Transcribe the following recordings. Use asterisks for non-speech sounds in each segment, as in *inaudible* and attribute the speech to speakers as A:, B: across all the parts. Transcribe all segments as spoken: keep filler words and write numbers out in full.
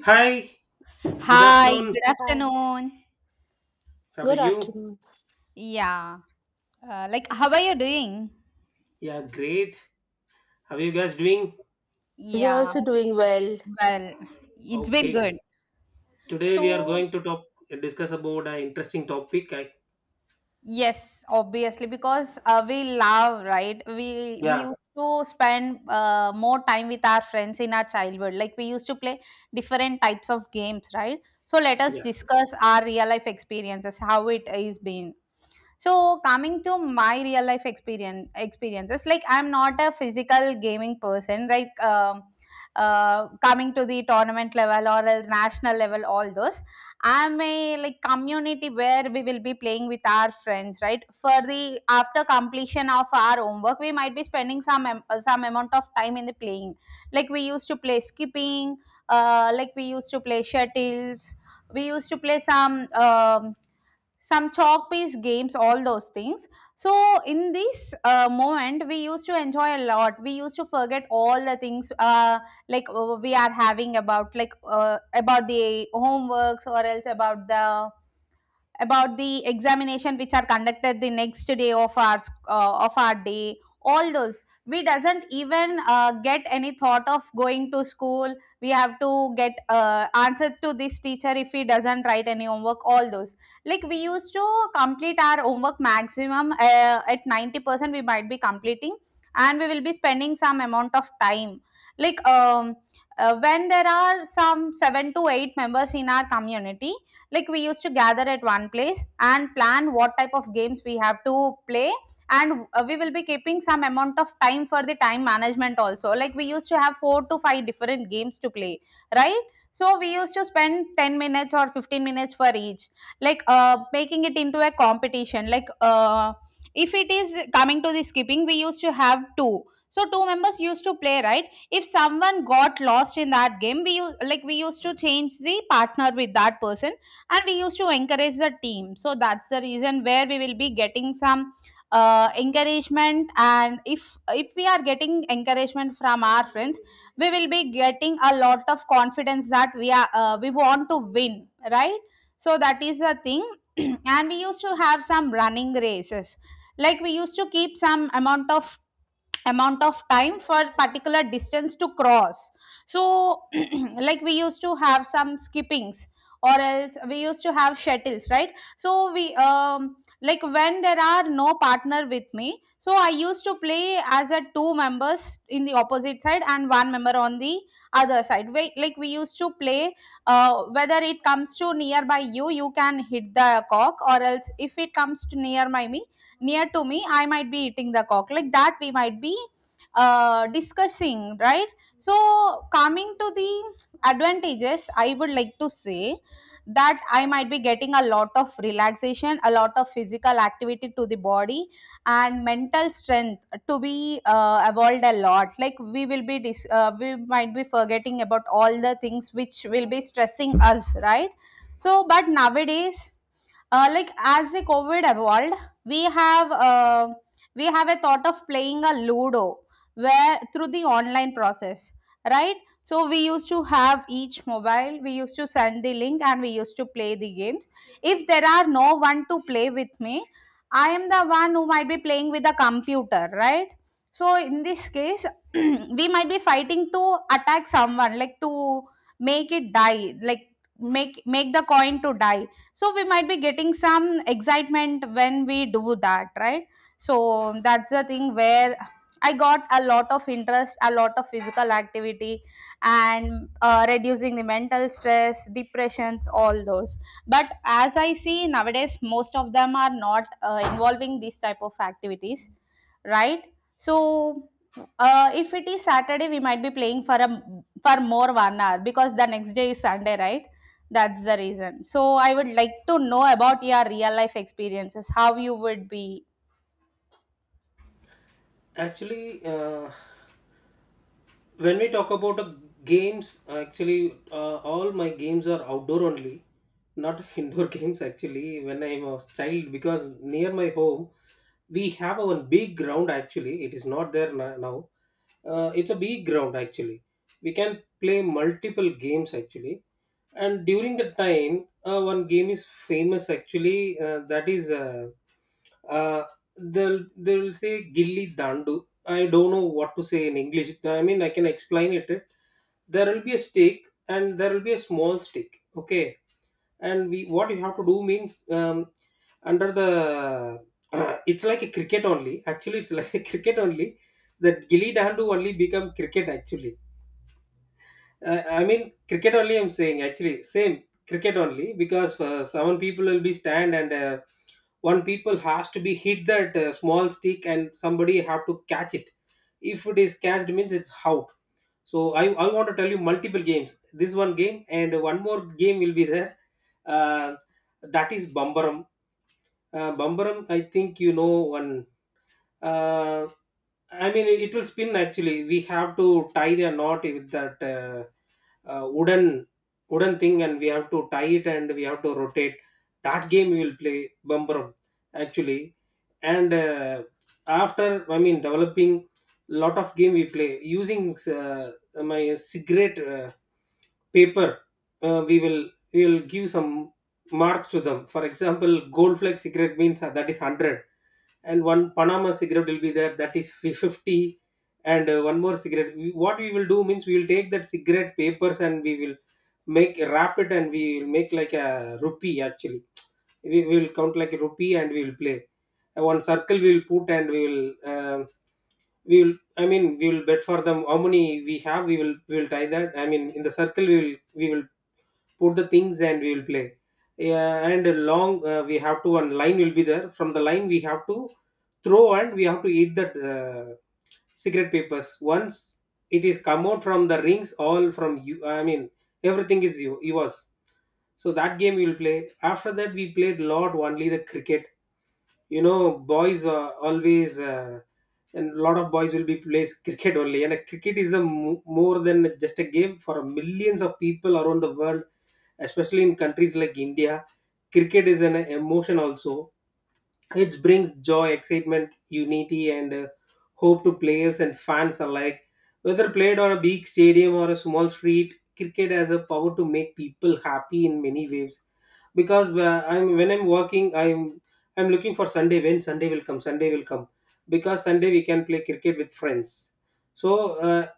A: Hi, good
B: Hi,
A: afternoon.
B: good
C: Hi.
B: afternoon.
A: How are
C: Good
A: you?
C: afternoon.
B: Yeah. Uh, like, how are you doing?
A: Yeah, great. How are you guys doing?
C: We are
B: Yeah.
C: also doing well.
B: Well, it's been
A: Okay.
B: good.
A: Today we are
B: So
A: going to talk discuss about an interesting topic. I,
B: yes, obviously because uh, we love, right? We we
A: yeah,
B: used to spend uh, more time with our friends in our childhood. Like we used to play different types of games, right? So let us
A: yeah.
B: discuss our real life experiences, how it is been. So coming to my real life experience experiences, like I'm not a physical gaming person, right? Um, uh, coming to the tournament level or a national level, all those. I'm a like community where we will be playing with our friends, right? For the after completion of our homework, we might be spending some am- uh, some amount of time in the playing. Like we used to play skipping, uh, like we used to play shuttles, we used to play some um some chalk piece games, all those things. So in this uh, moment, we used to enjoy a lot. We used to forget all the things, uh, like uh, we are having about like uh, about the homeworks, or else about the about the examination which are conducted the next day of our sc- uh, of our day. All those, we doesn't even uh, get any thought of going to school. We have to get uh, answer to this teacher if he doesn't write any homework, all those. Like we used to complete our homework maximum uh, at ninety percent we might be completing, and we will be spending some amount of time. like um, uh, when there are some seven to eight members in our community, like we used to gather at one place and plan what type of games we have to play. And uh, we will be keeping some amount of time for the time management also. Like we used to have four to five different games to play, right? So we used to spend ten minutes or fifteen minutes for each, like uh, making it into a competition. Like uh, if it is coming to the skipping, we used to have two. So two members used to play, right? If someone got lost in that game, we u- like we used to change the partner with that person, and we used to encourage the team. So that's the reason where we will be getting some uh, encouragement. And if if we are getting encouragement from our friends, we will be getting a lot of confidence that we are, uh, we want to win, right? So that is the thing. *clears throat* And we used to have some running races. Like we used to keep some amount of amount of time for particular distance to cross. So *clears throat* like we used to have some skippings, or else we used to have shuttles, right? so we um Like when there are no partner with me, so I used to play as a two members in the opposite side and one member on the other side. We, like we used to play, uh, whether it comes to nearby, you you can hit the cock, or else if it comes to near my me near to me, I might be hitting the cock. Like that, we might be uh, discussing, right? So coming to the advantages, I would like to say that I might be getting a lot of relaxation, a lot of physical activity to the body, and mental strength to be uh, evolved a lot. Like we will be dis- uh, we might be forgetting about all the things which will be stressing us, right? So but nowadays, uh, like as the covid evolved, we have uh, we have a thought of playing a ludo, where through the online process, right? So we used to have each mobile, we used to send the link, and we used to play the games. If there are no one to play with me, I am the one who might be playing with the computer, right? So in this case, *clears throat* we might be fighting to attack someone, like to make it die, like make make the coin to die. So we might be getting some excitement when we do that, right? So that's the thing where I got a lot of interest, a lot of physical activity, and uh, reducing the mental stress depressions, all those. But as I see nowadays, most of them are not uh, involving these type of activities, right? So uh, if it is Saturday, we might be playing for a for more one hour, because the next day is Sunday, right? That's the reason. So I would like to know about your real life experiences, how you would be.
A: Actually, uh, when we talk about uh, games actually uh, all my games are outdoor only, not *laughs* indoor games actually when I was child, because near my home we have a one big ground. Actually it is not there na- now. Uh, it's a big ground actually, we can play multiple games actually. And during the time, uh, one game is famous actually, uh, that is uh, uh, they'll they'll say gilli dandu. I don't know what to say in English. I mean, I can explain it. There will be a stake, and there will be a small stake. Okay, and we what you have to do means, um, under the *clears throat* it's like a cricket only. Actually, it's like a *laughs* cricket only. That gilly dandu only become cricket actually. uh, I mean, cricket only, I'm saying actually, same cricket only, because uh, some people will be stand and uh, one people has to be hit that uh, small stick and somebody have to catch it. If it is catched means it's out. So I, I want to tell you multiple games. This one game and one more game will be there. Uh, that is Bambaram. Uh, Bambaram, I think you know one. Uh, I mean, it will spin actually. We have to tie the knot with that. Uh, uh, wooden wooden thing, and we have to tie it and we have to rotate. That game we will play, bumbrum actually. And uh, after, I mean developing, lot of game we play using, uh, my cigarette, uh, paper. uh, we will we will give some marks to them. For example, gold flag cigarette means, uh, that is one hundred, and one Panama cigarette will be there, that is fi- fifty, and uh, one more cigarette. We, what we will do means, we will take that cigarette papers and we will make wrap it, and we will make like a rupee actually. We we will count like a rupee and we will play. Uh, One circle we will put and we will, um we will, I mean, we will bet for them how many we have. We will we will tie that, I mean, in the circle we will, we will put the things and we will play. Yeah, and long, uh, we have to, one line will be there, from the line we have to throw and we have to eat that, uh, cigarette papers. Once it is come out from the rings, all from you, I mean, everything is you yours. So that game we will play. After that we played lot only the cricket, you know, boys uh, always, uh, and lot of boys will be plays cricket only. And uh, cricket is a mo- more than just a game for millions of people around the world, especially in countries like India. Cricket is an emotion also. It brings joy, excitement, unity, and uh, hope to players and fans alike. Whether played on a big stadium or a small street, cricket has a power to make people happy in many ways. Because uh, I'm when I'm working, I'm I'm looking for Sunday. When Sunday will come, Sunday will come, because Sunday we can play cricket with friends. So uh,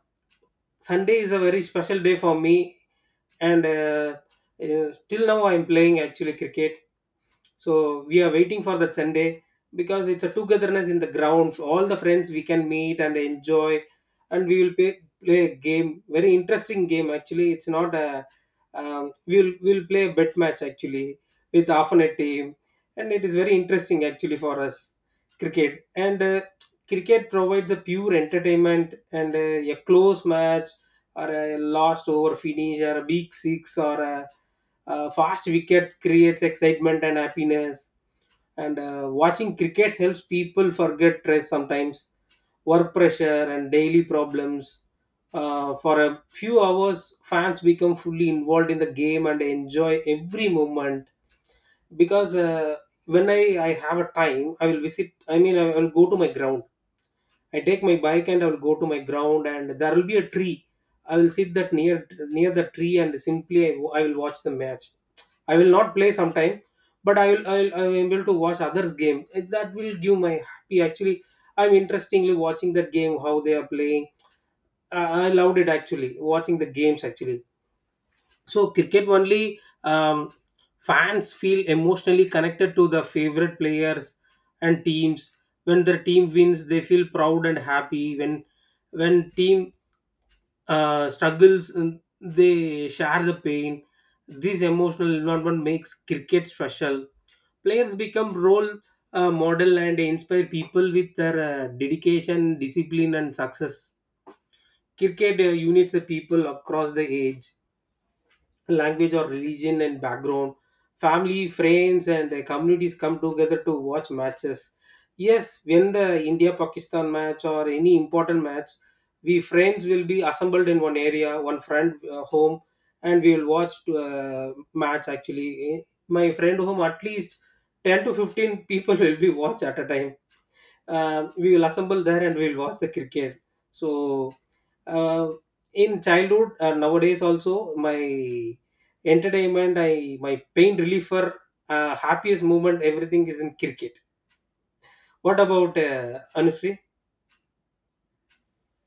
A: Sunday is a very special day for me, and uh, uh, still now I'm playing actually cricket. So we are waiting for that Sunday, because it's a togetherness in the ground. So, all the friends we can meet and enjoy, and we will play, play a game, very interesting game actually. It's not a, um, we'll we'll play a bet match actually, with half a team, and it is very interesting actually for us, cricket. And uh, cricket provides the pure entertainment, and uh, a close match or a last over finish or a big six or a uh, fast wicket creates excitement and happiness. And uh, watching cricket helps people forget stress sometimes, work pressure, and daily problems. Uh, for a few hours, fans become fully involved in the game and enjoy every moment. Because uh, when I, I have a time, I will visit, I mean, I will go to my ground. I take my bike and I'll go to my ground, and there will be a tree. I will sit that near, near the tree, and simply I, I will watch the match. I will not play sometime, but I will I will I am able to watch others' game. That will give my happy. Actually, I'm interestingly watching that game, how they are playing. I, I loved it actually, watching the games actually. So cricket only, um, fans feel emotionally connected to the favorite players and teams. When their team wins, they feel proud and happy. When when team uh, struggles, mm, they share the pain. This emotional environment makes cricket special. Players become role uh, model and inspire people with their uh, dedication, discipline, and success. Cricket uh, unites the people across the age, language or religion and background. Family, friends, and the communities come together to watch matches. Yes, when the India Pakistan match or any important match, we friends will be assembled in one area, one friend uh, home, and we will watch uh, match actually. Eh, my friend home, at least ten to fifteen people *laughs* will be watch at a time. Uh, we will assemble there and we'll watch the cricket. So uh, in childhood, uh, nowadays also, my entertainment, I, my pain reliever, uh, happiest moment, everything is in cricket. What about uh, Anushree?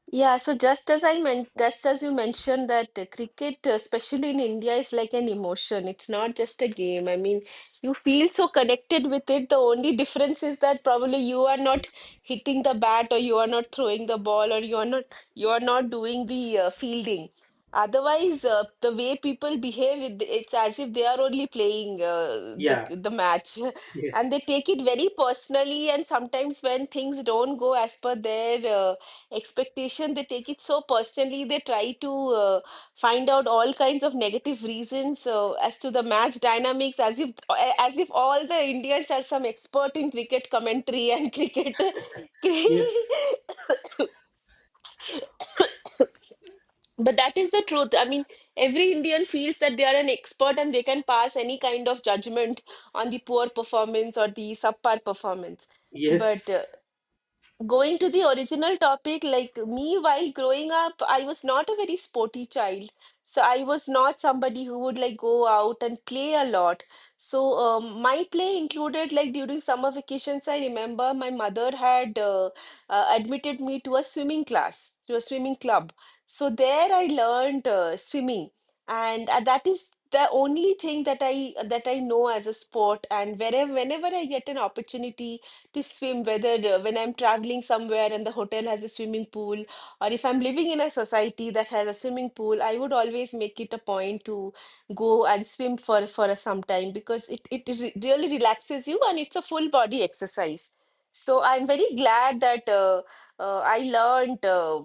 C: Yeah, so just as I meant, just as you mentioned that uh, cricket, uh, especially in India, is like an emotion. It's not just a game. I mean, you feel so connected with it. The only difference is that probably you are not hitting the bat, or you are not throwing the ball, or you are not you are not doing the uh, fielding. Otherwise, uh, the way people behave, it, it's as if they are only playing uh, the
A: Yeah,
C: the match, *laughs* and
A: yes,
C: they take it very personally. And sometimes when things don't go as per their uh, expectation, they take it so personally. They try to uh, find out all kinds of negative reasons uh, as to the match dynamics, as if a- as if all the Indians are some expert in cricket commentary and *laughs* cricket.
A: *laughs* yes,
C: But that is the truth. I mean, every Indian feels that they are an expert and they can pass any kind of judgment on the poor performance or the subpar performance. But uh,
A: yes,
C: going to the original topic, like me, while growing up, I was not a very sporty child. So I was not somebody who would like go out and play a lot. So um, my play included like during summer vacations, I remember my mother had uh, uh, admitted me to a swimming class, to a swimming club. So there I learned uh, swimming, and uh, that is the only thing that I that I know as a sport. And wherever whenever I get an opportunity to swim, whether uh, when I'm traveling somewhere and the hotel has a swimming pool, or if I'm living in a society that has a swimming pool, I would always make it a point to go and swim for, for some time because it, it re- really relaxes you and it's a full body exercise. So I'm very glad that uh, uh, I learned Uh,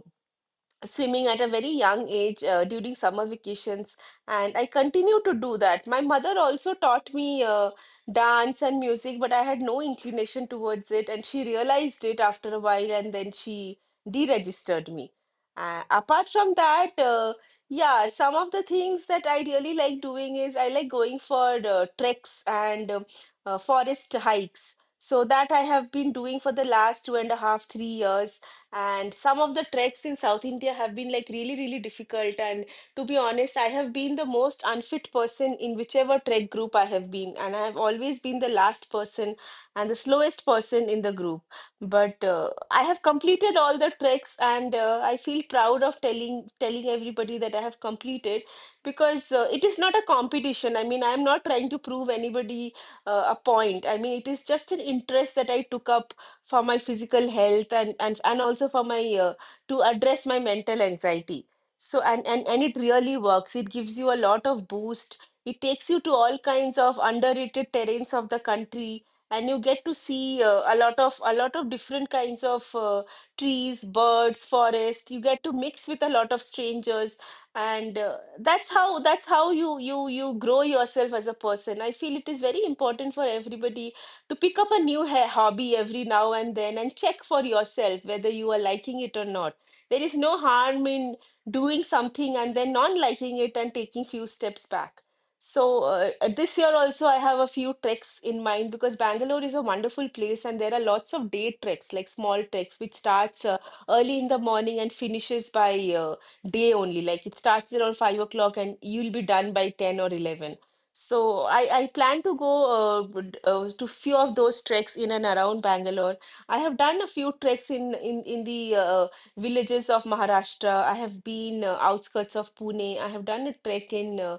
C: swimming at a very young age uh, during summer vacations, and I continue to do that. My mother also taught me uh, dance and music, but I had no inclination towards it, and she realized it after a while, and then she deregistered me. Uh, apart from that, uh, yeah, some of the things that I really like doing is I like going for uh, treks and um uh, forest hikes. So that I have been doing for the last two and a half three years, and some of the treks in South India have been like really, really difficult. And to be honest, I have been the most unfit person in whichever trek group I have been, and I have always been the last person and the slowest person in the group. But uh, I have completed all the treks, and uh, I feel proud of telling telling everybody that I have completed, because uh, it is not a competition. I mean, I am not trying to prove anybody uh, a point. I mean, it is just an interest that I took up for my physical health, and and, and also for my uh, to address my mental anxiety. So and, and and it really works. It gives you a lot of boost. It takes you to all kinds of underrated terrains of the country, and you get to see uh, a lot of a lot of different kinds of uh, trees, birds, forest. You get to mix with a lot of strangers, and uh, that's how that's how you you you grow yourself as a person. I feel it is very important for everybody to pick up a new ha- hobby every now and then and check for yourself whether you are liking it or not. There is no harm in doing something and then not liking it and taking few steps back. So uh, uh, this year also I have a few treks in mind, because Bangalore is a wonderful place and there are lots of day treks, like small treks, which starts uh, early in the morning and finishes by uh, day only. Like it starts around five o'clock and you'll be done by ten or eleven. So I, I plan to go uh, b- uh, to few of those treks in and around Bangalore. I have done a few treks in in in the uh, villages of Maharashtra. I have been uh, outskirts of Pune. I have done a trek in uh,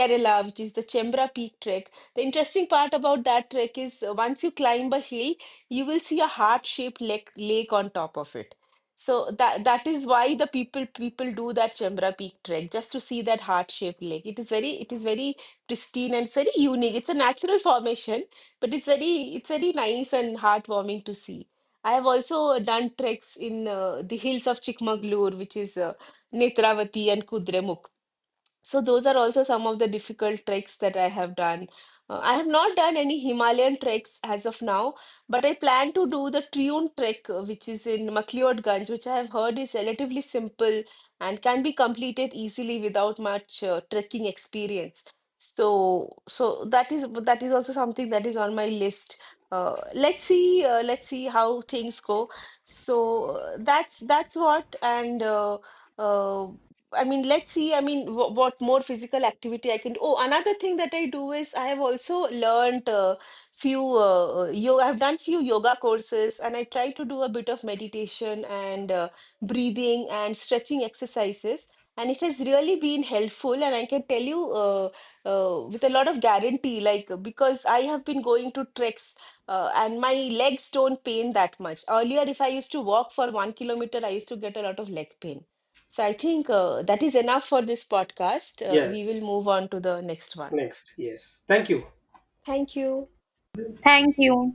C: Kerala, which is the Chembra Peak trek. The interesting part about that trek is uh, once you climb a hill, you will see a heart-shaped lake lake on top of it. So that that is why the people people do that Chembra Peak trek, just to see that heart-shaped lake. It is very it is very pristine and it's very unique. It's a natural formation, but it's very it's very nice and heartwarming to see. I have also done treks in uh, the hills of Chikmagalur, which is uh, Netravati and Kudremukh. So those are also some of the difficult treks that I have done. Uh, I have not done any Himalayan treks as of now, but I plan to do the Triun trek, uh, which is in MacLeodganj, which I have heard is relatively simple and can be completed easily without much uh, trekking experience. So, so that is that is also something that is on my list. Uh, let's see, uh, let's see how things go. So uh, that's that's what and. Uh, uh, I mean, let's see. I mean, w what more physical activity I can do. Oh, another thing that I do is I have also learned uh, few uh, yoga. I've done few yoga courses, and I try to do a bit of meditation and uh, breathing and stretching exercises. And it has really been helpful, and I can tell you uh, uh, with a lot of guarantee, like uh, because I have been going to treks. Uh, and my legs don't pain that much. Earlier, if I used to walk for one kilometer, I used to get a lot of leg pain. So I think uh, that is enough for this podcast. Uh,
A: yes.
C: we will move on to the next one.
A: Next, yes, thank you.
C: Thank you.
B: Thank you.